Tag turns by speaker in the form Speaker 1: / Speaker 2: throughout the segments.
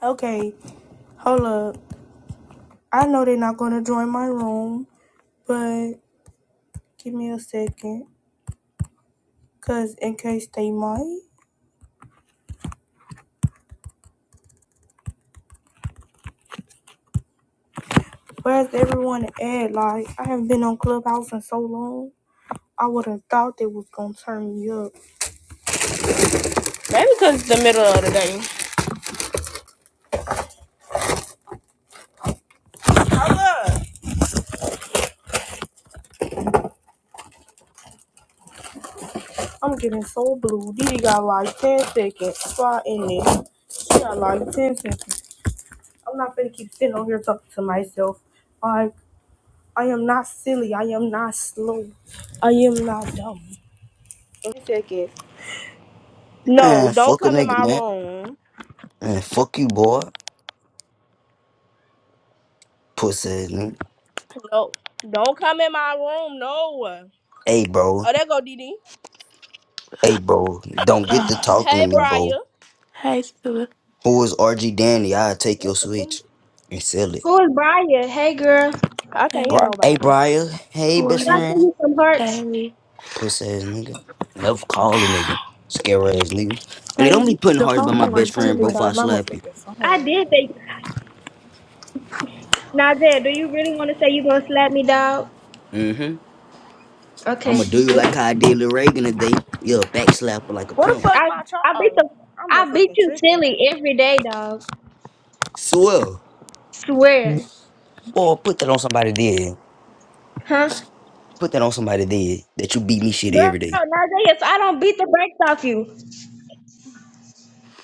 Speaker 1: Okay, hold up. I know they're not gonna join my room, but give me a second. Cause in case they might. Where's everyone at? Like, I haven't been on Clubhouse in so long. I would have thought they was gonna turn me up. Maybe cause it's the middle of the day. I'm getting so blue. Didi got like 10 seconds. Fly in there. She got like 10 seconds. I'm not gonna keep sitting over here talking to myself. Like, I am not silly. I am not slow. I am not dumb. One second. No,
Speaker 2: Man,
Speaker 1: don't
Speaker 2: fuck a
Speaker 1: come in
Speaker 2: nigga,
Speaker 1: my
Speaker 2: man.
Speaker 1: room.
Speaker 2: Man, fuck you, boy. Pussy.
Speaker 1: No, don't come in my room. No.
Speaker 2: Hey, bro.
Speaker 1: Oh, there go DD.
Speaker 2: Hey, bro. Don't get to
Speaker 3: Uh,
Speaker 2: talking to
Speaker 1: Hey,
Speaker 2: me,
Speaker 1: Briar.
Speaker 2: bro.
Speaker 3: hey, Stu.
Speaker 2: Who is RG Danny? I'll take your
Speaker 1: What the fuck?
Speaker 2: switch and sell it.
Speaker 4: Who is Brian? Hey, girl. Can
Speaker 1: I can't
Speaker 3: Hey,
Speaker 1: hear
Speaker 2: Bri- hey,
Speaker 1: nobody.
Speaker 2: Briar. Hey, best
Speaker 4: I
Speaker 3: Corey.
Speaker 4: send
Speaker 2: friend.
Speaker 4: you some hearts?
Speaker 3: Hey,
Speaker 2: Pussy ass nigga. Never call a nigga. Scary ass nigga. Hey, don't
Speaker 3: hey,
Speaker 2: be putting
Speaker 3: the
Speaker 2: hearts by
Speaker 3: phone
Speaker 2: my best
Speaker 3: work
Speaker 1: I need
Speaker 2: friend,
Speaker 1: to
Speaker 3: too.
Speaker 2: bro,
Speaker 3: I
Speaker 2: if I
Speaker 1: charge my
Speaker 3: mean,
Speaker 2: slap you.
Speaker 1: motherfucking
Speaker 4: I
Speaker 1: phone.
Speaker 4: did think. Nazia, do you really want to say you going to slap me, dog?
Speaker 2: Mm-hmm. I'ma
Speaker 4: Okay.
Speaker 2: do you like how I did Lil Reagan today. You're a backslapper like a
Speaker 1: What the
Speaker 2: pimp.
Speaker 1: fuck
Speaker 4: I,
Speaker 1: my charge?
Speaker 4: I beat
Speaker 1: Oh,
Speaker 4: the,
Speaker 1: I'm
Speaker 4: I beat
Speaker 1: motherfucking
Speaker 4: you
Speaker 1: tripping.
Speaker 4: silly every day, dog.
Speaker 2: Swear.
Speaker 4: Swear.
Speaker 2: Boy, put that on somebody dead.
Speaker 4: Huh?
Speaker 2: Put that on somebody dead that you beat me shit
Speaker 4: Girl,
Speaker 2: every day.
Speaker 4: Nazia, so I don't beat the brakes off you.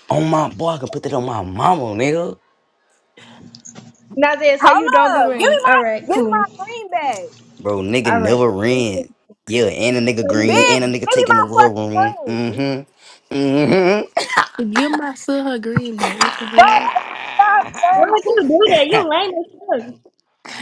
Speaker 2: On my boy, I can put that on my mama, nigga.
Speaker 4: Nazia, so you don't be
Speaker 1: Hold up. Give me
Speaker 4: running. All
Speaker 1: my,
Speaker 4: right,
Speaker 1: give me
Speaker 4: cool.
Speaker 1: my green bag.
Speaker 2: Bro, nigga
Speaker 4: All right.
Speaker 2: never
Speaker 4: So
Speaker 2: ran. Yeah, and a nigga
Speaker 4: you
Speaker 2: green, and
Speaker 1: Bitch,
Speaker 2: a
Speaker 4: did.
Speaker 1: give
Speaker 2: nigga
Speaker 1: me
Speaker 2: taking
Speaker 1: my
Speaker 2: over her room.
Speaker 1: fucking green.
Speaker 2: Mm-hmm. Mm-hmm.
Speaker 3: give my son her green back. What the
Speaker 1: Bro,
Speaker 3: hell?
Speaker 1: that shit
Speaker 4: Why
Speaker 1: not
Speaker 4: would you
Speaker 1: funny.
Speaker 4: do that? You lame as fuck.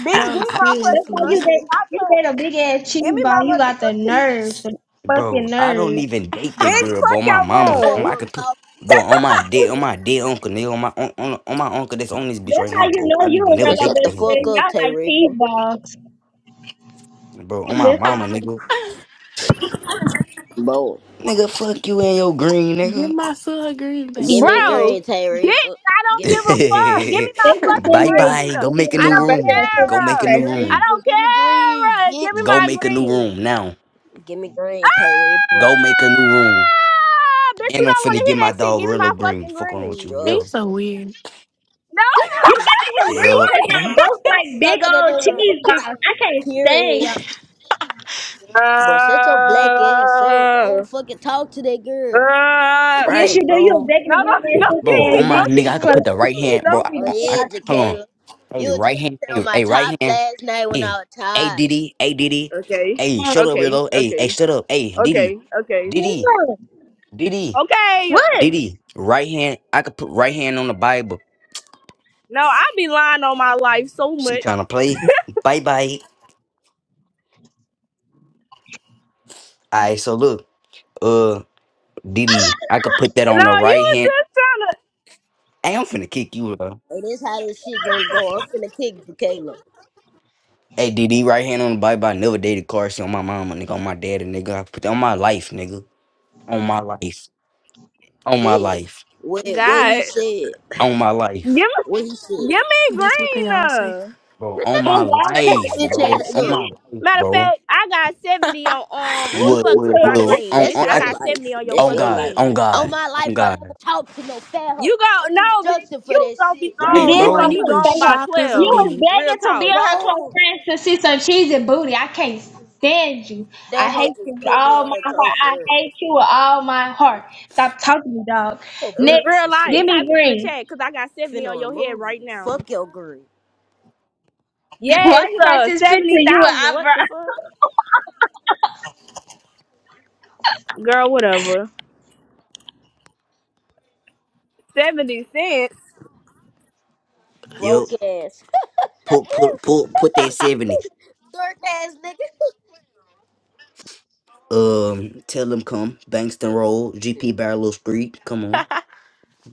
Speaker 1: Bitch, give
Speaker 3: No,
Speaker 1: me my
Speaker 4: That's
Speaker 1: fucking
Speaker 4: why you
Speaker 3: seriously.
Speaker 1: green.
Speaker 4: did.
Speaker 1: Stop
Speaker 4: You
Speaker 1: playing.
Speaker 4: did a big ass cheese
Speaker 1: Give me
Speaker 4: ball.
Speaker 1: my
Speaker 4: You got the
Speaker 1: motherfucking green.
Speaker 4: nerve, the fucking
Speaker 2: bro, I
Speaker 4: nerve.
Speaker 2: don't even date that
Speaker 1: Bitch,
Speaker 2: girl, bro.
Speaker 1: fuck
Speaker 2: My
Speaker 1: your
Speaker 5: the
Speaker 2: mama. um,
Speaker 5: fuck
Speaker 1: room.
Speaker 2: I
Speaker 5: up,
Speaker 2: can put
Speaker 5: top.
Speaker 2: Bro, on my dead, on my dead uncle, nigga, on my on, on, on my uncle that's on this bitch
Speaker 4: That's
Speaker 2: right
Speaker 4: how
Speaker 2: now,
Speaker 4: you
Speaker 2: bro.
Speaker 4: know
Speaker 2: I
Speaker 4: you a
Speaker 2: never
Speaker 5: Man,
Speaker 4: real old
Speaker 2: date
Speaker 5: shut the
Speaker 2: that
Speaker 4: best
Speaker 2: girl,
Speaker 5: fuck
Speaker 4: friend.
Speaker 2: bro.
Speaker 5: up,
Speaker 4: Y'all
Speaker 5: Tay
Speaker 4: like cheese
Speaker 5: Reaper.
Speaker 4: balls.
Speaker 2: Bro, on my
Speaker 4: This is
Speaker 2: mama,
Speaker 4: good.
Speaker 2: nigga.
Speaker 5: Boom.
Speaker 2: Nigga, fuck you and your green,
Speaker 3: give
Speaker 2: nigga.
Speaker 3: my son her green back.
Speaker 5: Give
Speaker 3: The
Speaker 5: me
Speaker 3: fuck?
Speaker 1: Bro,
Speaker 5: green, Tay
Speaker 1: bitch,
Speaker 5: Reaper.
Speaker 1: I don't
Speaker 5: Give me
Speaker 1: give
Speaker 5: green.
Speaker 1: a fuck. Give me my
Speaker 4: They just
Speaker 1: fucking
Speaker 4: send
Speaker 2: bye
Speaker 4: me a
Speaker 1: green.
Speaker 2: bye. Go
Speaker 4: video
Speaker 2: make a
Speaker 4: of
Speaker 1: I
Speaker 2: new
Speaker 4: my
Speaker 1: don't
Speaker 4: brother
Speaker 2: room.
Speaker 4: at
Speaker 2: Go
Speaker 4: football
Speaker 2: make a
Speaker 1: care.
Speaker 2: new
Speaker 5: Tay
Speaker 4: practice.
Speaker 1: I
Speaker 2: room.
Speaker 5: Reaper,
Speaker 1: don't
Speaker 5: give me green,
Speaker 1: care. Give me
Speaker 5: bitch.
Speaker 2: Go
Speaker 1: my
Speaker 2: make a new
Speaker 1: green.
Speaker 2: room now.
Speaker 5: Give me green, Tay Reaper.
Speaker 2: Go make a new room.
Speaker 1: Ah! Bitch, we
Speaker 2: And I'm
Speaker 1: don't want
Speaker 2: finna
Speaker 1: to hear
Speaker 2: get my
Speaker 1: that shit.
Speaker 2: dog
Speaker 1: Give me my
Speaker 2: Rillo Green.
Speaker 1: fucking
Speaker 2: Fuck around with
Speaker 1: green.
Speaker 2: you,
Speaker 3: He's
Speaker 2: yo,
Speaker 3: so
Speaker 5: Structure.
Speaker 3: weird.
Speaker 1: No,
Speaker 4: You giving him green
Speaker 2: Yup.
Speaker 1: wait.
Speaker 4: because y'all both like
Speaker 5: Go
Speaker 4: big
Speaker 5: get in
Speaker 4: old
Speaker 5: the room.
Speaker 4: cheese
Speaker 1: Don't kick
Speaker 4: balls.
Speaker 1: me.
Speaker 4: I can't stand
Speaker 5: Period.
Speaker 4: y'all.
Speaker 5: Bro, shut your black ass up. I don't
Speaker 1: Ah.
Speaker 5: fucking talk to that girl.
Speaker 1: Ah.
Speaker 4: Yes,
Speaker 5: Fuck.
Speaker 4: you
Speaker 2: Right,
Speaker 4: do. You a
Speaker 2: bro.
Speaker 4: begging
Speaker 1: no,
Speaker 4: to be
Speaker 1: no,
Speaker 4: in there,
Speaker 1: don't
Speaker 4: stupid
Speaker 2: Bro,
Speaker 1: kick
Speaker 4: ass
Speaker 1: me.
Speaker 2: on my
Speaker 4: bitch.
Speaker 1: Don't
Speaker 2: nigga,
Speaker 1: kick
Speaker 2: I could
Speaker 1: me.
Speaker 4: Close
Speaker 2: put the right hand, bro.
Speaker 4: to
Speaker 1: Don't.
Speaker 2: I,
Speaker 4: me
Speaker 5: Oh
Speaker 4: to
Speaker 2: I,
Speaker 4: pick
Speaker 2: I-
Speaker 5: yeah,
Speaker 4: out the
Speaker 2: hold on.
Speaker 5: Jaquela. You
Speaker 2: Hey,
Speaker 5: were trying
Speaker 2: right hand.
Speaker 5: to tell
Speaker 2: Hey,
Speaker 5: my
Speaker 2: hey,
Speaker 5: top
Speaker 2: right hand.
Speaker 5: last night when I
Speaker 2: Hey,
Speaker 5: was
Speaker 2: hey,
Speaker 5: tired.
Speaker 2: Diddy. Hey, Diddy.
Speaker 1: Okay.
Speaker 2: Hey, shut up,
Speaker 1: Okay.
Speaker 2: Rillo. Hey, hey,
Speaker 1: Okay.
Speaker 2: shut up. Hey, Diddy.
Speaker 1: Okay. Okay.
Speaker 2: Diddy.
Speaker 4: tongue.
Speaker 2: Diddy.
Speaker 1: Okay.
Speaker 4: What?
Speaker 2: Diddy. Right hand. I could put right hand on the Bible.
Speaker 1: No, I be lying on my life so much.
Speaker 2: She trying to play. Bye bye. All right, so look, uh, DD, I could put that on
Speaker 1: No,
Speaker 2: the
Speaker 1: you
Speaker 2: right
Speaker 1: was
Speaker 2: hand.
Speaker 1: just trying to.
Speaker 2: Hey, I'm finna kick you, bro.
Speaker 5: And this how this shit gonna go. I'm finna kick Jaquela.
Speaker 2: Hey, DD, right hand on the Bible. I never dated Carson on my mama, nigga, on my daddy, nigga. I put that on my life, nigga. On my life. On my
Speaker 5: Yeah.
Speaker 2: life.
Speaker 5: What, what he
Speaker 1: God,
Speaker 5: said.
Speaker 2: On my life.
Speaker 1: give me,
Speaker 5: What he said.
Speaker 1: give me
Speaker 3: That's what they
Speaker 1: green.
Speaker 3: all say.
Speaker 1: Uh,
Speaker 2: Bro,
Speaker 5: Shut
Speaker 2: on
Speaker 4: Oh,
Speaker 2: my
Speaker 4: wow.
Speaker 5: your
Speaker 2: life,
Speaker 5: bitch
Speaker 2: bro.
Speaker 5: ass
Speaker 2: On
Speaker 1: give
Speaker 5: up.
Speaker 2: my
Speaker 1: me.
Speaker 2: life,
Speaker 1: Matter of
Speaker 2: bro.
Speaker 1: fact, I got seventy on. Um, who
Speaker 4: Me
Speaker 2: Well,
Speaker 1: the fuck took
Speaker 2: well,
Speaker 1: my
Speaker 4: too.
Speaker 2: well,
Speaker 1: green,
Speaker 2: on,
Speaker 1: bitch?
Speaker 5: That's
Speaker 2: on,
Speaker 1: I
Speaker 2: I
Speaker 5: your
Speaker 1: got
Speaker 2: could,
Speaker 1: seventy
Speaker 5: life.
Speaker 1: on your
Speaker 5: That's
Speaker 2: on
Speaker 5: your
Speaker 1: fucking
Speaker 2: God.
Speaker 5: life.
Speaker 2: On
Speaker 1: head.
Speaker 5: All
Speaker 2: God.
Speaker 5: my
Speaker 2: On
Speaker 5: life, I never
Speaker 2: God.
Speaker 5: talked to no fat
Speaker 1: You
Speaker 5: hoe. I'm
Speaker 1: go
Speaker 5: too
Speaker 1: no, bitch.
Speaker 5: structured for
Speaker 1: You
Speaker 5: that
Speaker 1: gonna be
Speaker 5: shit.
Speaker 4: You
Speaker 2: Right,
Speaker 1: gone.
Speaker 4: did
Speaker 1: You
Speaker 3: Boy,
Speaker 1: gonna
Speaker 4: talk
Speaker 2: bro?
Speaker 3: you
Speaker 1: be
Speaker 4: to
Speaker 3: was
Speaker 1: gone
Speaker 4: her.
Speaker 1: by
Speaker 3: chopped as a
Speaker 4: You
Speaker 1: twelve.
Speaker 4: was
Speaker 3: bitch.
Speaker 1: Real
Speaker 4: begging to be
Speaker 1: talk.
Speaker 4: in her close
Speaker 5: Bro,
Speaker 4: friends to see some cheesy booty. I can't stand you. I
Speaker 5: that hoe
Speaker 4: hate you
Speaker 5: just
Speaker 4: with
Speaker 5: put me
Speaker 4: all
Speaker 5: in her
Speaker 4: my heart. I
Speaker 5: comfort.
Speaker 4: hate you with all my heart. Stop talking to me, dog.
Speaker 5: Shut your black
Speaker 4: Next,
Speaker 1: Real
Speaker 5: ass
Speaker 4: give
Speaker 1: life.
Speaker 5: up.
Speaker 1: Type
Speaker 4: me
Speaker 1: it in the
Speaker 4: green.
Speaker 1: chat, cause I got seventy on
Speaker 5: Finna
Speaker 1: your head
Speaker 5: remove
Speaker 1: right
Speaker 5: you.
Speaker 1: now.
Speaker 5: Fuck your green.
Speaker 4: Why
Speaker 1: Yes,
Speaker 4: you got
Speaker 1: uh,
Speaker 4: this picture of
Speaker 1: seventy
Speaker 4: you and
Speaker 1: thousand. What the
Speaker 4: eyebrow?
Speaker 1: fuck, girl? Whatever. Seventy cents.
Speaker 2: Yup.
Speaker 5: Broke ass.
Speaker 2: Put, put, put, put that 70.
Speaker 5: Dark ass nigga.
Speaker 2: Um, tell them come. Bankston Road, GP Barlow Street. Come on.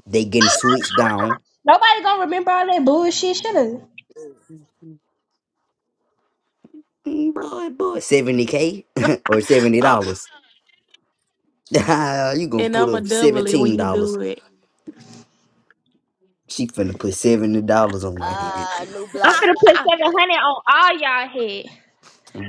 Speaker 2: They getting switched down.
Speaker 4: Nobody gonna remember all that bullshit, should have. I'm
Speaker 2: Mm, Boy, boy, 70K or $70.
Speaker 3: Oh,
Speaker 2: you gonna
Speaker 3: and
Speaker 2: put
Speaker 3: I'm a
Speaker 2: up
Speaker 3: double it
Speaker 2: $17.
Speaker 3: when you do it.
Speaker 2: She finna put $70 on my head.
Speaker 5: Ah, new block
Speaker 4: finna
Speaker 5: party
Speaker 4: put 700
Speaker 5: coming
Speaker 4: on all y'all head.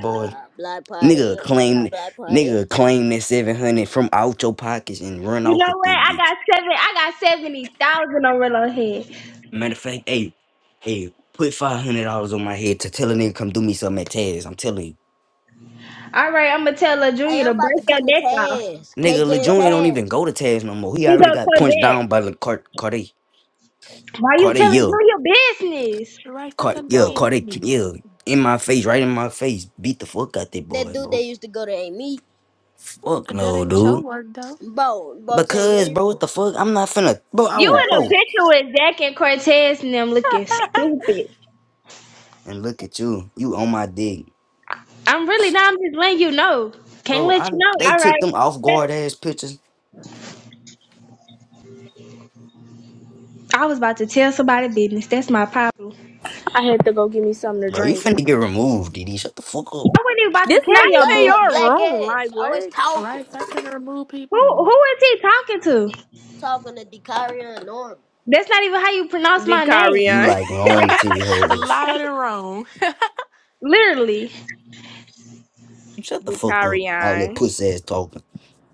Speaker 5: up. Ah, block party.
Speaker 2: nigga
Speaker 5: Oh my god,
Speaker 2: claim
Speaker 5: block party.
Speaker 2: nigga claim that 700 from out your pockets and run
Speaker 4: You
Speaker 2: off
Speaker 4: know
Speaker 2: with
Speaker 4: what?
Speaker 2: it,
Speaker 4: I
Speaker 2: bitch.
Speaker 4: got seven. I got seventy thousand on Rilla head.
Speaker 2: Matter of fact, hey, hey, put $500 on my head to tell a nigga come do me something at Taz. I'm telling you.
Speaker 4: All right, I'm gonna tell La
Speaker 5: Hey,
Speaker 4: Junior to
Speaker 5: I'm about
Speaker 4: break
Speaker 5: to
Speaker 4: your
Speaker 5: come to
Speaker 4: neck off.
Speaker 5: Taz.
Speaker 2: Nigga,
Speaker 5: KJ and
Speaker 2: LeJoy don't even go
Speaker 5: Taz.
Speaker 2: to Taz no more. He
Speaker 4: He
Speaker 2: already
Speaker 4: gonna
Speaker 2: got
Speaker 4: come
Speaker 2: punched
Speaker 4: back.
Speaker 2: down by the Cartier.
Speaker 4: Why you
Speaker 2: Cartier,
Speaker 4: telling
Speaker 2: yeah.
Speaker 4: do your business?
Speaker 3: right, stop
Speaker 2: Caught,
Speaker 3: telling the
Speaker 2: yeah,
Speaker 5: Bro,
Speaker 3: man
Speaker 2: caught that,
Speaker 3: business.
Speaker 2: yeah, in my face, right in my face. Beat the fuck out that
Speaker 5: that
Speaker 2: boy,
Speaker 5: dude that
Speaker 2: bro.
Speaker 5: used to go to A
Speaker 2: Fuck
Speaker 3: That
Speaker 2: no,
Speaker 3: ain't your
Speaker 2: dude.
Speaker 3: work, though.
Speaker 5: Bo, Bo
Speaker 2: Because,
Speaker 5: Tyreek.
Speaker 2: bro, what the fuck? I'm not finna, bro, I
Speaker 4: You
Speaker 2: will,
Speaker 4: in a
Speaker 5: Tyreek.
Speaker 2: bro.
Speaker 4: picture with Zach and Cortez and them looking stupid.
Speaker 2: And look at you. You on my dick.
Speaker 4: I'm really not. I'm just letting you know. Can't
Speaker 2: Bro,
Speaker 4: let you
Speaker 2: I,
Speaker 4: know.
Speaker 2: they
Speaker 4: All
Speaker 2: took
Speaker 4: right.
Speaker 2: them off
Speaker 4: Shut
Speaker 2: guard
Speaker 4: up.
Speaker 2: ass pictures.
Speaker 4: I was about to tell somebody business. That's my problem. I
Speaker 1: I had to go get me something to
Speaker 2: Bro, you
Speaker 1: drink.
Speaker 2: finna get removed, DD. Shut the fuck up.
Speaker 4: wasn't even about to
Speaker 1: This not
Speaker 5: Oh,
Speaker 4: tell your
Speaker 1: even
Speaker 5: God.
Speaker 1: your
Speaker 4: business.
Speaker 5: Black
Speaker 1: room. Like
Speaker 5: ass. Always
Speaker 1: what?
Speaker 5: talking.
Speaker 3: Right? Stop trying to remove
Speaker 4: Who
Speaker 3: people.
Speaker 4: who is he talking to?
Speaker 5: Talking to Dikaria and Norman.
Speaker 4: That's not even how you pronounce my name.
Speaker 2: You
Speaker 1: Decarion.
Speaker 2: like long titty hoes.
Speaker 3: Loud and wrong.
Speaker 4: Literally.
Speaker 2: Shut the fuck up. All that
Speaker 1: Decarion.
Speaker 2: pussy ass talking.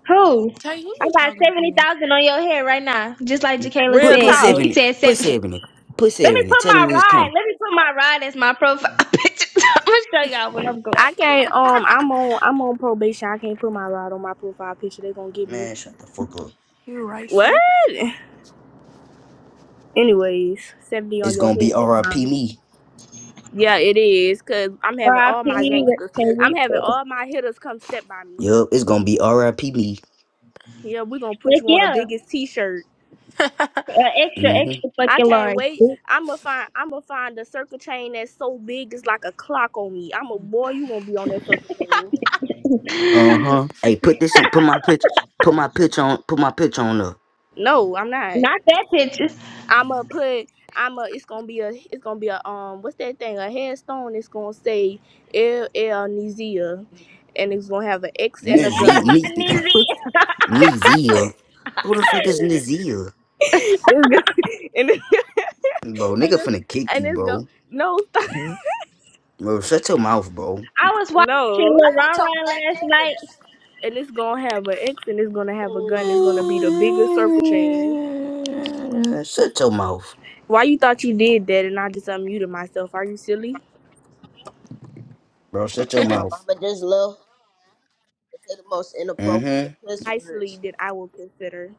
Speaker 4: Who?
Speaker 3: Tay, who
Speaker 4: I
Speaker 3: you
Speaker 4: got
Speaker 3: talking
Speaker 4: seventy
Speaker 3: to?
Speaker 4: thousand on your head right now, just like Jacayla
Speaker 2: Put,
Speaker 1: Real
Speaker 4: said.
Speaker 2: put
Speaker 4: But
Speaker 1: talk.
Speaker 2: seven,
Speaker 4: she
Speaker 2: it.
Speaker 4: said
Speaker 2: put
Speaker 4: seven.
Speaker 2: seven, it. put
Speaker 4: Let me
Speaker 2: seven, and
Speaker 4: put
Speaker 2: tell them
Speaker 4: my
Speaker 2: niggas
Speaker 4: ride.
Speaker 2: come.
Speaker 4: Let me put my ride as my profile picture. I'm gonna show y'all when I'm going.
Speaker 1: I can't um I'm on I'm on probation. I can't put my rod on my profile picture. They gonna get me.
Speaker 2: Man, shut the fuck up.
Speaker 3: You right,
Speaker 1: What?
Speaker 3: sir?
Speaker 1: Anyways, 70 on
Speaker 2: It's
Speaker 1: your
Speaker 2: gonna be
Speaker 1: head,
Speaker 2: RIP
Speaker 1: huh?
Speaker 2: me.
Speaker 1: Yeah, it is, cause I'm having all my
Speaker 4: R.I.P.
Speaker 1: gangsters. I'm having
Speaker 4: Teresa.
Speaker 1: all my hitters come step by me.
Speaker 2: Yup, it's gonna be RIP me.
Speaker 1: Yeah, we gonna put
Speaker 4: Like
Speaker 1: you on the
Speaker 4: yeah,
Speaker 1: biggest t shirt.
Speaker 4: uh, extra,
Speaker 2: hmm
Speaker 4: extra
Speaker 1: I
Speaker 4: fucking
Speaker 1: can't
Speaker 4: large.
Speaker 1: wait. I'ma find I'ma find a circle chain that's so big it's like a clock on me. I'm a boy, you gonna be on that circle chain.
Speaker 2: Uh huh. Hey, put this on. Put my pitch. Put my pitch on. Put my pitch on the
Speaker 1: No, I'm not.
Speaker 4: Not that picture.
Speaker 1: I'ma put I'ma it's gonna be a it's gonna be a um what's that thing? A headstone it's gonna say L L Nizia and it's gonna have an X and a
Speaker 2: Nizia.
Speaker 1: gun.
Speaker 2: Ni-
Speaker 4: Neezy.
Speaker 2: Nizia. Who the fuck is Nizia?
Speaker 1: It's gonna and it's,
Speaker 2: Bro,
Speaker 1: and
Speaker 2: nigga
Speaker 1: it's,
Speaker 2: finna kick
Speaker 1: and
Speaker 2: you,
Speaker 1: it's gonna
Speaker 2: bro.
Speaker 1: no stop
Speaker 2: Bro, shut your mouth, bro.
Speaker 4: I was watching
Speaker 1: no
Speaker 5: I
Speaker 4: Lil
Speaker 5: would
Speaker 4: Ron
Speaker 5: talk
Speaker 4: Ron
Speaker 5: black
Speaker 4: last night.
Speaker 5: ass.
Speaker 1: and it's gonna have an X and it's gonna have a gun. It's gonna be the biggest circle chain.
Speaker 2: Man, shut your mouth,
Speaker 1: Why you thought you did that and I just unmuted myself? Are you silly?
Speaker 2: bro. Shut your
Speaker 5: And my
Speaker 2: mouth.
Speaker 5: mama just love to say the most inappropriate
Speaker 2: Mm-hmm.
Speaker 5: cuss
Speaker 1: Nicely
Speaker 5: words.
Speaker 1: that I will consider.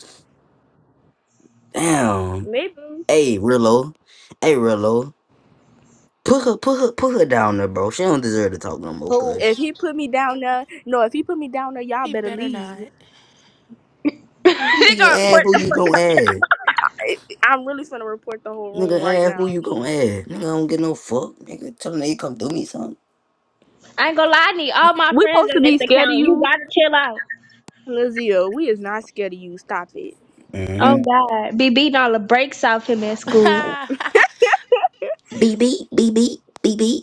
Speaker 2: Damn.
Speaker 1: Maybe.
Speaker 2: Hey, Rillo. Hey, Rillo. Put her, put her, put her down there, bro. She don't deserve to talk no more,
Speaker 5: Who?
Speaker 2: cuz.
Speaker 1: If he put me down there, no, if he put me down there, y'all
Speaker 3: he
Speaker 1: better
Speaker 3: better
Speaker 1: leave.
Speaker 3: not.
Speaker 4: they
Speaker 2: Nigga,
Speaker 4: gonna
Speaker 2: ask
Speaker 4: put
Speaker 2: who
Speaker 4: the
Speaker 2: you
Speaker 4: fuck
Speaker 2: gonna
Speaker 4: up.
Speaker 2: ask.
Speaker 1: I- I'm really finna report the whole room
Speaker 2: Nigga,
Speaker 1: right
Speaker 2: ask who
Speaker 1: now.
Speaker 2: you gonna ask. Nigga, I don't get no fuck. Nigga, tell them they come do me something.
Speaker 4: I ain't gonna lie, I need all my
Speaker 1: We
Speaker 4: friends
Speaker 1: supposed to
Speaker 4: on this
Speaker 1: be scared of
Speaker 4: account. You
Speaker 1: you,
Speaker 4: gotta chill out.
Speaker 1: Lizio. We is not scared of you. Stop it.
Speaker 2: Mm-hmm.
Speaker 4: Oh God, be beating all the brakes off him at school.
Speaker 3: oh
Speaker 2: Bb, bb, bb, beep,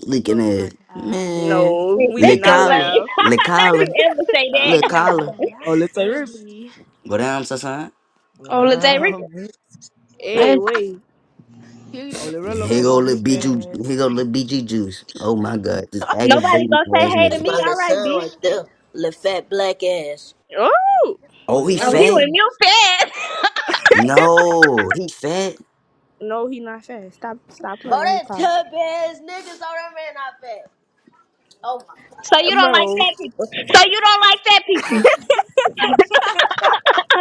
Speaker 2: Licking ass.
Speaker 3: my god.
Speaker 2: Man.
Speaker 1: No, we
Speaker 4: That
Speaker 1: did
Speaker 2: Le
Speaker 4: shit
Speaker 1: not
Speaker 4: was
Speaker 2: collar.
Speaker 4: lame.
Speaker 1: laugh.
Speaker 2: Le
Speaker 4: Not you
Speaker 2: collar.
Speaker 4: ever say
Speaker 3: Oh
Speaker 2: Le
Speaker 4: that.
Speaker 3: my
Speaker 2: collar.
Speaker 3: god. Y'all
Speaker 6: Ole Tarif.
Speaker 3: funny.
Speaker 2: Go down, son.
Speaker 6: What
Speaker 4: Oh, Latae
Speaker 6: up?
Speaker 4: Rico.
Speaker 1: Hey,
Speaker 4: Yes.
Speaker 1: wait.
Speaker 3: You ju-
Speaker 6: Ole
Speaker 3: he
Speaker 6: Rello,
Speaker 2: Here
Speaker 3: gonna
Speaker 6: come
Speaker 2: go
Speaker 6: off me,
Speaker 3: juice
Speaker 2: little
Speaker 3: fat
Speaker 6: bitch.
Speaker 2: BG, here
Speaker 3: ass.
Speaker 2: go little BG juice. Oh my god, this
Speaker 4: Nobody
Speaker 2: aggravated
Speaker 4: gonna say
Speaker 2: ass
Speaker 4: hey to
Speaker 5: That's
Speaker 2: nigga.
Speaker 5: my
Speaker 4: me.
Speaker 5: little
Speaker 4: All right,
Speaker 5: son
Speaker 4: bitch.
Speaker 5: right there. Little fat black ass.
Speaker 1: Oh
Speaker 2: Oh,
Speaker 6: Ole
Speaker 2: he
Speaker 4: Oh, he
Speaker 6: Rello.
Speaker 2: fat?
Speaker 4: with
Speaker 3: Mm.
Speaker 4: you fast.
Speaker 2: No, he fat.
Speaker 1: no, he not fast. Stop, stop
Speaker 5: Bro,
Speaker 1: playing on his
Speaker 5: that
Speaker 1: top,
Speaker 5: tub ass niggas on that man out fat. Oh my god.
Speaker 4: So
Speaker 1: Uh,
Speaker 4: you don't like
Speaker 1: bro.
Speaker 4: fat people. So you don't like fat people.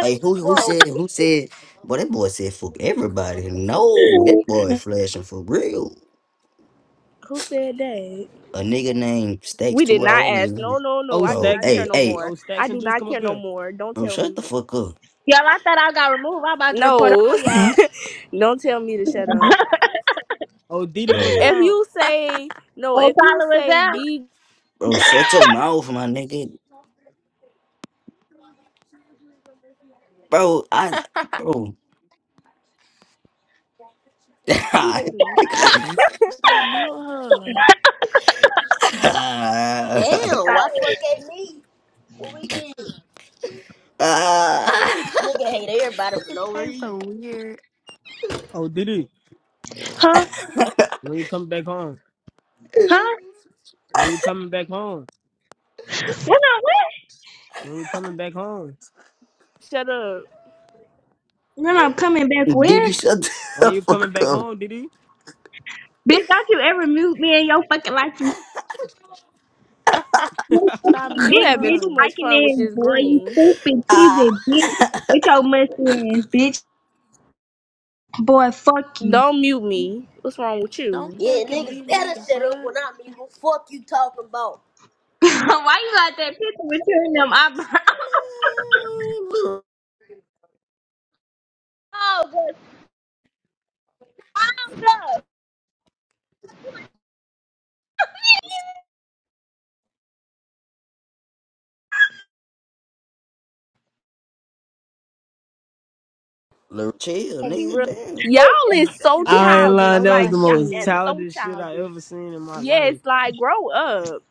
Speaker 2: Hey, who who
Speaker 5: Bro.
Speaker 2: said who said? Boy, that boy said fuck everybody. No, that boy flashing for real.
Speaker 1: Who said that?
Speaker 2: a nigga named Stacks
Speaker 1: We did
Speaker 2: Two
Speaker 1: not ask. No,
Speaker 2: Rolling.
Speaker 1: no, no.
Speaker 6: Oh,
Speaker 1: I do
Speaker 2: Bro,
Speaker 6: Stacks
Speaker 1: not
Speaker 6: and
Speaker 1: care
Speaker 2: hey,
Speaker 1: no
Speaker 2: hey,
Speaker 1: more.
Speaker 6: Oh,
Speaker 1: I
Speaker 6: Stacks and
Speaker 1: do
Speaker 6: Juice,
Speaker 1: not
Speaker 6: come
Speaker 1: care
Speaker 6: up
Speaker 1: no
Speaker 6: here.
Speaker 1: more. Don't
Speaker 2: bro,
Speaker 1: tell
Speaker 2: shut
Speaker 1: me.
Speaker 2: the fuck up,
Speaker 4: y'all, I thought I got removed. I'm about to report all
Speaker 1: No,
Speaker 4: y'all.
Speaker 1: don't tell me to shut up.
Speaker 6: Oh, Diddy, what's
Speaker 2: bro.
Speaker 1: If
Speaker 6: out?
Speaker 1: you say no,
Speaker 4: Oh,
Speaker 1: if you
Speaker 4: followers
Speaker 1: say
Speaker 4: out.
Speaker 1: be.
Speaker 2: Bro, shut your mouth, my nigga. Bro, I, bro.
Speaker 1: muting me.
Speaker 3: Stop muting her.
Speaker 5: Damn,
Speaker 1: Stop.
Speaker 5: why fuck at me? What we did? Nigga hate everybody for
Speaker 3: It
Speaker 5: no
Speaker 3: tastes
Speaker 5: reason.
Speaker 3: so weird.
Speaker 6: Oh, Diddy,
Speaker 4: Huh?
Speaker 6: when you coming back home?
Speaker 4: Huh?
Speaker 6: When you coming back home?
Speaker 4: When I what?
Speaker 6: When you coming back home?
Speaker 1: Shut up.
Speaker 4: When I'm coming back where?
Speaker 2: Diddy, shut
Speaker 6: When
Speaker 2: the
Speaker 6: you coming
Speaker 2: fuck
Speaker 6: back
Speaker 2: up.
Speaker 6: home, Diddy?
Speaker 4: Bitch, don't you ever mute me in your fucking life, you you
Speaker 3: Stop
Speaker 4: stupid
Speaker 1: You
Speaker 3: muting
Speaker 4: big
Speaker 1: having
Speaker 4: bitch
Speaker 1: too
Speaker 3: her.
Speaker 1: much
Speaker 4: liking
Speaker 1: fun with
Speaker 4: it,
Speaker 1: this
Speaker 4: boy, you
Speaker 1: green.
Speaker 4: stupid
Speaker 2: Ah,
Speaker 4: cheesy bitch. With your musty ass, bitch. Boy, fuck you.
Speaker 1: Don't mute me. What's wrong with
Speaker 3: Don't
Speaker 1: you?
Speaker 5: Yeah,
Speaker 3: fucking
Speaker 5: niggas
Speaker 3: mute me
Speaker 5: better
Speaker 3: the
Speaker 5: shut up
Speaker 3: fuck.
Speaker 5: when I'm nigga. What The fuck you talking about?
Speaker 4: Why you got that picture between them eyebrows?
Speaker 2: man, Lil-
Speaker 4: Oh, girl, stop.
Speaker 2: Lil- chill,
Speaker 1: Mute me
Speaker 2: nigga,
Speaker 1: real.
Speaker 2: damn.
Speaker 1: Y'all is so
Speaker 3: Y'all
Speaker 6: I ain't
Speaker 3: finna
Speaker 6: lying.
Speaker 3: blow
Speaker 1: childish.
Speaker 6: That was
Speaker 3: my
Speaker 1: Like
Speaker 6: the
Speaker 1: y'all,
Speaker 6: most
Speaker 1: that's
Speaker 3: shit.
Speaker 1: so
Speaker 6: childish shit I
Speaker 1: childish.
Speaker 6: ever seen in my
Speaker 1: Yes,
Speaker 6: life.
Speaker 1: like grow up.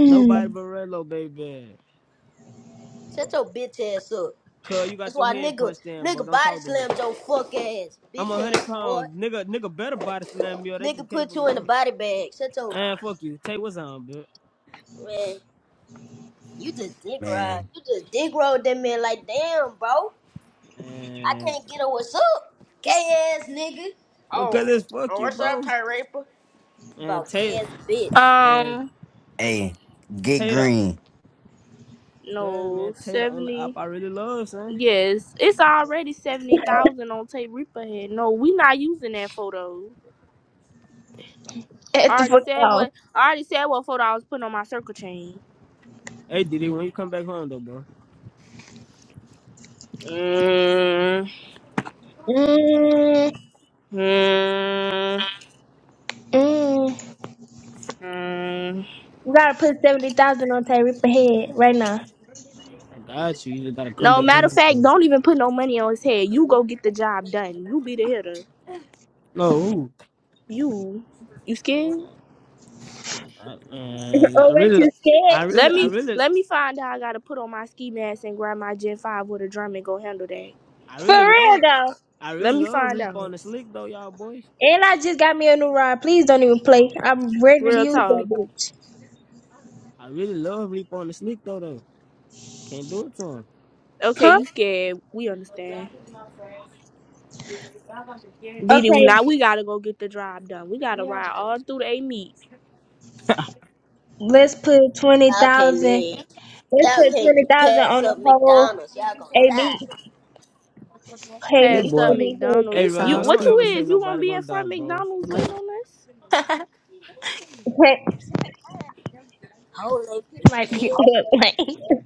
Speaker 4: Mm.
Speaker 6: Nobody but Rello, baby.
Speaker 5: Shut your bitch ass up.
Speaker 6: Cuz you
Speaker 5: That's
Speaker 6: got your
Speaker 5: why
Speaker 6: head
Speaker 5: nigga,
Speaker 6: punched in, bro.
Speaker 5: nigga
Speaker 6: Don't
Speaker 5: body
Speaker 6: talk to me.
Speaker 5: slammed your fuck ass,
Speaker 6: I'm
Speaker 5: bitch
Speaker 6: a hundred
Speaker 5: ass boy.
Speaker 6: pounds, nigga. Nigga better body slam me or they just
Speaker 5: Nigga
Speaker 6: can't
Speaker 5: put you
Speaker 6: fucking
Speaker 5: in the
Speaker 6: punch.
Speaker 5: body bag. Shut your
Speaker 6: And fuck you. Tay, what's on, bitch?
Speaker 5: man. You just dick ride.
Speaker 2: Man,
Speaker 5: You just dick roll that man like damn, bro. I
Speaker 6: And
Speaker 5: can't get a what's up, gay ass nigga.
Speaker 6: because it's fuck you, bro. And
Speaker 5: About
Speaker 6: Tater
Speaker 5: gay ass bitch.
Speaker 6: and
Speaker 1: Um,
Speaker 2: hey, get
Speaker 6: Tater,
Speaker 2: green.
Speaker 6: cause
Speaker 1: no
Speaker 6: man, Tater on the op
Speaker 1: seventy.
Speaker 6: I really love, son.
Speaker 1: Yes, it's already seventy thousand on Tape Reaper head. No, we not using that photo. I
Speaker 4: At the
Speaker 1: already
Speaker 4: fuck
Speaker 1: said
Speaker 4: off.
Speaker 1: what. I already said what photo I was putting on my circle chain.
Speaker 6: Hey Diddy, when you come back home though, bro.
Speaker 1: Mm,
Speaker 4: Mm,
Speaker 1: mm,
Speaker 4: mm.
Speaker 1: mm.
Speaker 4: We gotta put 70000 on Tay Ripper head right now.
Speaker 6: I got you. You just gotta come
Speaker 1: No
Speaker 6: back
Speaker 1: matter
Speaker 6: home.
Speaker 1: of
Speaker 6: son.
Speaker 1: fact, don't even put no money on his head. You go get the job done. You be the hitter.
Speaker 6: No, who?
Speaker 1: You, you scared?
Speaker 6: I, man,
Speaker 4: oh,
Speaker 6: I
Speaker 4: what
Speaker 6: really
Speaker 4: you scared?
Speaker 6: I
Speaker 1: Let
Speaker 6: really I
Speaker 1: me
Speaker 6: really
Speaker 1: let me find out. I gotta put on my ski mask and grab my Gen Five with a drum and go handle that.
Speaker 6: I
Speaker 4: For
Speaker 6: really
Speaker 4: real,
Speaker 6: love
Speaker 4: though.
Speaker 6: I really
Speaker 1: Let me
Speaker 6: love
Speaker 1: find
Speaker 6: Reap on
Speaker 1: out.
Speaker 6: the slick though, y'all boys.
Speaker 4: And I just got me a new rod. Please don't even play. I'm ready to
Speaker 1: Real
Speaker 4: use that
Speaker 1: talk.
Speaker 4: bitch.
Speaker 6: I really love Reap on the slick though though. Can't do it to him.
Speaker 1: Okay,
Speaker 4: Huh?
Speaker 1: you scared? We understand. Didi,
Speaker 4: Okay,
Speaker 1: now we gotta go get the job done. We gotta ride all through the A meet,
Speaker 4: let's put 20000
Speaker 5: Y'all can't
Speaker 4: Let's
Speaker 5: live. Y'all
Speaker 4: put
Speaker 5: can't
Speaker 4: 20000
Speaker 5: pass
Speaker 4: on the
Speaker 5: up
Speaker 4: whole
Speaker 5: McDonald's. Y'all gonna
Speaker 4: AB.
Speaker 5: die.
Speaker 4: Hey,
Speaker 6: This
Speaker 1: past up
Speaker 4: Mr.
Speaker 6: boy
Speaker 4: Big.
Speaker 6: Hey
Speaker 3: He
Speaker 1: McDonald's. You
Speaker 6: Relo,
Speaker 3: sounds
Speaker 6: don't
Speaker 1: what you
Speaker 6: ever
Speaker 3: stupid.
Speaker 6: say
Speaker 1: is? You gonna
Speaker 6: nobody
Speaker 1: be
Speaker 6: gonna
Speaker 1: in
Speaker 6: die,
Speaker 1: front of
Speaker 6: bro.
Speaker 1: McDonald's waiting on us?
Speaker 4: Hey,
Speaker 5: Holy.
Speaker 4: might be on the plane.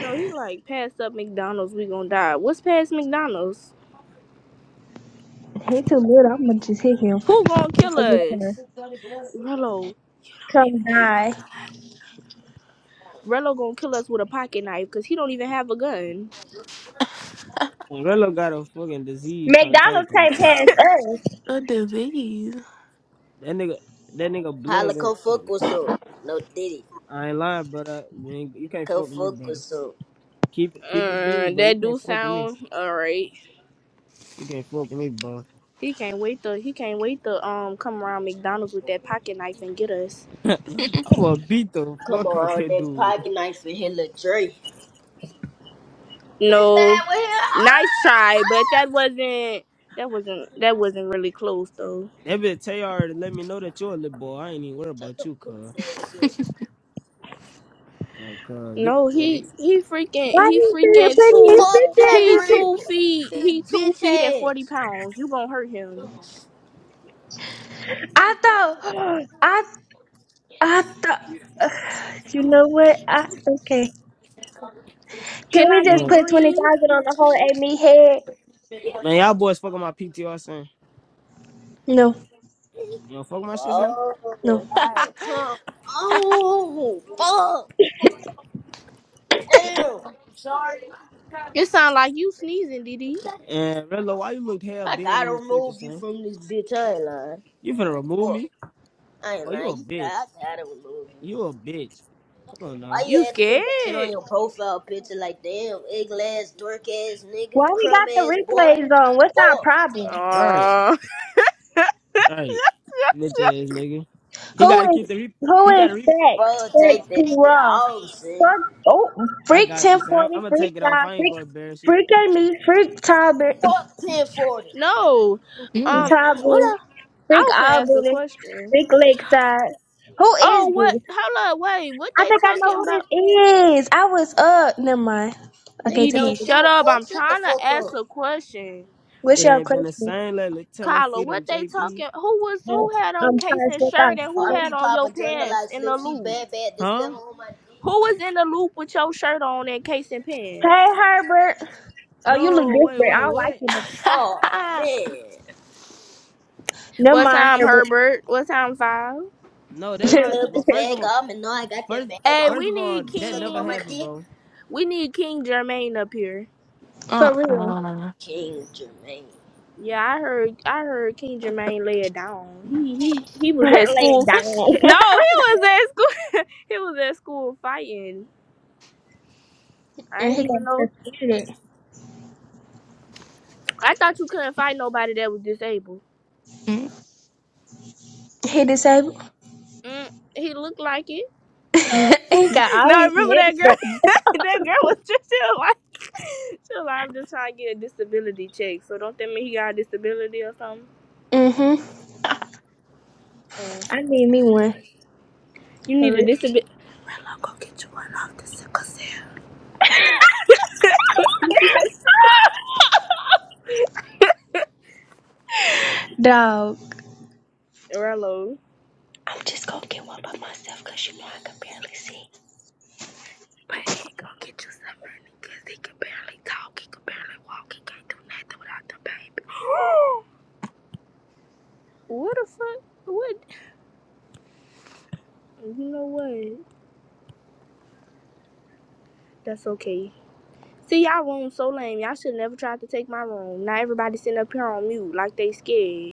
Speaker 1: No, he like past up McDonald's. We gonna die. What's past McDonald's?
Speaker 4: He too little. I'm gonna just hit him to
Speaker 1: Who gonna kill
Speaker 4: forget her.
Speaker 1: us? Rello.
Speaker 4: Come die.
Speaker 1: Rello gonna kill us with a pocket knife because he don't even have a gun.
Speaker 6: When Relo got a fucking disease trying to talk
Speaker 4: McDonald's
Speaker 6: to
Speaker 4: can't
Speaker 6: him.
Speaker 4: pass us.
Speaker 3: A disease.
Speaker 6: That nigga, that nigga blood.
Speaker 5: Holla, come fuck
Speaker 6: gonna-
Speaker 5: with some. No diddy.
Speaker 6: I ain't lying, brother. You, ain't, you can't
Speaker 5: Come
Speaker 6: fuck with me,
Speaker 5: fuck with
Speaker 6: brother.
Speaker 5: some.
Speaker 6: Keep it, keep it a
Speaker 1: Uh,
Speaker 6: bean, bro. You
Speaker 1: that
Speaker 6: can't
Speaker 1: do
Speaker 6: fuck with me.
Speaker 1: sound alright.
Speaker 6: You can't fuck with me, bro.
Speaker 1: He can't wait to he can't wait to um come around McDonald's with that pocket knife and get us.
Speaker 6: I'ma beat the
Speaker 5: Come
Speaker 6: fuck out
Speaker 5: on,
Speaker 6: that
Speaker 5: that
Speaker 6: dude.
Speaker 5: pocket knife and hit Lil Dre. Is
Speaker 1: No,
Speaker 5: that what he-
Speaker 1: nice try, but that wasn't that wasn't that wasn't really close though.
Speaker 6: That bitch tell you already. Let me know that you're a little boy. I ain't even worried about
Speaker 5: Ah!
Speaker 6: you, cuz.
Speaker 5: Pussy ass up.
Speaker 6: Uh, cuz get
Speaker 1: No, he
Speaker 6: like,
Speaker 1: he freaking
Speaker 4: Why
Speaker 1: he
Speaker 4: you sit here
Speaker 1: freaking two
Speaker 5: Fuck Tay
Speaker 1: he
Speaker 4: putting these
Speaker 1: two
Speaker 4: bitches?
Speaker 5: Reaper.
Speaker 1: feet
Speaker 5: His
Speaker 1: he two
Speaker 5: bitch
Speaker 1: feet at forty
Speaker 5: ass.
Speaker 1: pounds. You gonna hurt him?
Speaker 4: I thought. I. I thought. you know what? I okay. Can
Speaker 1: Can
Speaker 4: we
Speaker 1: I
Speaker 4: just
Speaker 1: get
Speaker 6: look.
Speaker 4: put twenty
Speaker 1: green?
Speaker 4: thousand on the whole Amy head?
Speaker 6: man, y'all boys fucking my PTR, son.
Speaker 4: No,
Speaker 6: You know, fuck my shit, son.
Speaker 5: Oh,
Speaker 4: no.
Speaker 5: like, come on. Fuck. Damn.
Speaker 1: It sound like you sneezing, Didi.
Speaker 6: And Redlo, why you look half
Speaker 5: I
Speaker 6: dead in
Speaker 5: gotta
Speaker 6: this picture,
Speaker 5: remove you
Speaker 6: son?
Speaker 5: from this bitch. I ain't lying.
Speaker 6: You finna remove
Speaker 5: Fuck.
Speaker 6: me?
Speaker 5: I ain't
Speaker 6: Oh, you
Speaker 5: lying.
Speaker 6: a
Speaker 5: You
Speaker 6: bitch.
Speaker 5: got, I gotta remove you.
Speaker 6: You a bitch. Come on,
Speaker 5: Why
Speaker 6: now.
Speaker 5: you
Speaker 1: You
Speaker 5: had to
Speaker 1: scared?
Speaker 5: put that shit on your profile picture? Like, damn, ugly ass, dork ass
Speaker 4: Why
Speaker 5: nigga,
Speaker 4: we
Speaker 5: crumb
Speaker 4: got
Speaker 5: ass
Speaker 4: the
Speaker 5: boy.
Speaker 4: replays on? What's our
Speaker 5: Fuck,
Speaker 4: problem?
Speaker 6: All right.
Speaker 1: Uh,
Speaker 6: All right, bitch ass nigga. He gotta
Speaker 4: Who is
Speaker 6: keep the re.
Speaker 4: who
Speaker 6: He
Speaker 4: is
Speaker 6: gotta re.
Speaker 4: sex?
Speaker 5: bro,
Speaker 4: Sex
Speaker 5: take that
Speaker 4: too
Speaker 5: shit.
Speaker 4: rough.
Speaker 5: I don't see.
Speaker 4: Fuck oh
Speaker 6: I
Speaker 4: freak
Speaker 6: got
Speaker 4: ten
Speaker 6: you, son. I'm, I'm
Speaker 4: forty,
Speaker 6: gonna
Speaker 4: freak
Speaker 6: take it off.
Speaker 4: five,
Speaker 6: I ain't
Speaker 4: freak
Speaker 6: gonna embarrass you.
Speaker 4: freak and me, freak Talbot
Speaker 5: Fuck 1040.
Speaker 1: no.
Speaker 3: Mm.
Speaker 1: Um, what?
Speaker 4: Talbot,
Speaker 1: I, I
Speaker 4: freak
Speaker 1: was gonna ask a
Speaker 4: Albany,
Speaker 1: question.
Speaker 4: freak Lakeside. Who is
Speaker 1: Oh, what?
Speaker 4: this?
Speaker 1: Hold up, wait. What
Speaker 4: I
Speaker 1: they
Speaker 4: think I know
Speaker 1: talking
Speaker 4: who
Speaker 1: about?
Speaker 4: this is. I was up. Never mind. Okay,
Speaker 5: Nigga,
Speaker 4: so
Speaker 1: Didi,
Speaker 4: what's
Speaker 5: don't give
Speaker 1: shut
Speaker 5: a
Speaker 1: up.
Speaker 5: fuck.
Speaker 1: I'm
Speaker 5: Shut the
Speaker 1: trying to
Speaker 5: fuck
Speaker 1: ask
Speaker 5: up.
Speaker 1: a question.
Speaker 4: what's
Speaker 6: It
Speaker 4: your
Speaker 6: ain't been the
Speaker 4: question?
Speaker 6: same lately. Tell them
Speaker 1: Kyla, what
Speaker 6: freedom,
Speaker 1: they
Speaker 6: JB.
Speaker 1: talking? Who was
Speaker 4: Uh,
Speaker 1: who had on
Speaker 4: I'm sorry, it's
Speaker 1: Casey's
Speaker 4: what I
Speaker 1: shirt and who
Speaker 4: was-
Speaker 1: had
Speaker 5: RP
Speaker 1: on your
Speaker 5: Papa Jungle
Speaker 1: pants
Speaker 5: Life
Speaker 1: in the
Speaker 5: Flip. She
Speaker 1: loop?
Speaker 5: bad, bad. This
Speaker 6: Huh?
Speaker 5: little on my dick.
Speaker 1: Who was in the loop with your shirt on and Casey pants?
Speaker 4: Hey Herbert. Oh, you look
Speaker 6: No, wait,
Speaker 4: different. I
Speaker 6: wait,
Speaker 4: don't like
Speaker 6: what?
Speaker 4: you.
Speaker 5: Oh, man.
Speaker 4: Never
Speaker 1: What
Speaker 4: mind,
Speaker 1: time,
Speaker 4: Herbert.
Speaker 1: Herbert? What time, five?
Speaker 6: No, that's
Speaker 5: And the
Speaker 6: not.
Speaker 5: club
Speaker 6: Well,
Speaker 5: is
Speaker 6: first of
Speaker 5: bag
Speaker 6: all,
Speaker 5: on, and now I got that
Speaker 6: first,
Speaker 5: bag
Speaker 1: Hey,
Speaker 5: on.
Speaker 6: first
Speaker 1: we
Speaker 6: of all,
Speaker 1: need
Speaker 5: You
Speaker 6: that
Speaker 5: Sucking
Speaker 6: never
Speaker 5: on
Speaker 1: King.
Speaker 5: my
Speaker 6: happened,
Speaker 5: dick.
Speaker 6: bro.
Speaker 1: We need King Jermaine up here.
Speaker 4: For real.
Speaker 3: uh-uh.
Speaker 5: King Jermaine.
Speaker 1: Yeah, I heard. I heard King Jermaine lay it down. He he he was
Speaker 4: Lay
Speaker 1: at
Speaker 4: it
Speaker 1: school.
Speaker 4: down.
Speaker 1: No, he was at school. he was at school fighting. I
Speaker 4: and
Speaker 1: didn't
Speaker 4: he got
Speaker 1: even know.
Speaker 4: frustrated.
Speaker 1: I thought you couldn't fight nobody that was disabled.
Speaker 4: He disabled.
Speaker 1: Mm, he looked like it.
Speaker 4: he got all
Speaker 1: No,
Speaker 4: his
Speaker 1: remember
Speaker 4: neck
Speaker 1: that girl?
Speaker 4: scratched.
Speaker 1: that girl was just she was like, she was like, I'm just trying to get a disability check. So don't that mean he got a disability or something?
Speaker 4: hmm
Speaker 1: Mm.
Speaker 4: I need me one.
Speaker 1: You
Speaker 4: For
Speaker 1: need a
Speaker 4: real.
Speaker 1: disability. Rello, go get you one off the sickle cell.
Speaker 4: Dog.
Speaker 1: Rello.
Speaker 4: I'm just gonna get one by myself because you know I can barely see.
Speaker 1: But he gonna get you some money because he can barely talk, he can barely walk, he can't do nothing without the baby. what the fuck? What? You know what? That's okay. See, y'all room so lame. Y'all should never try to take my room. Now everybody sitting up here on mute like they scared.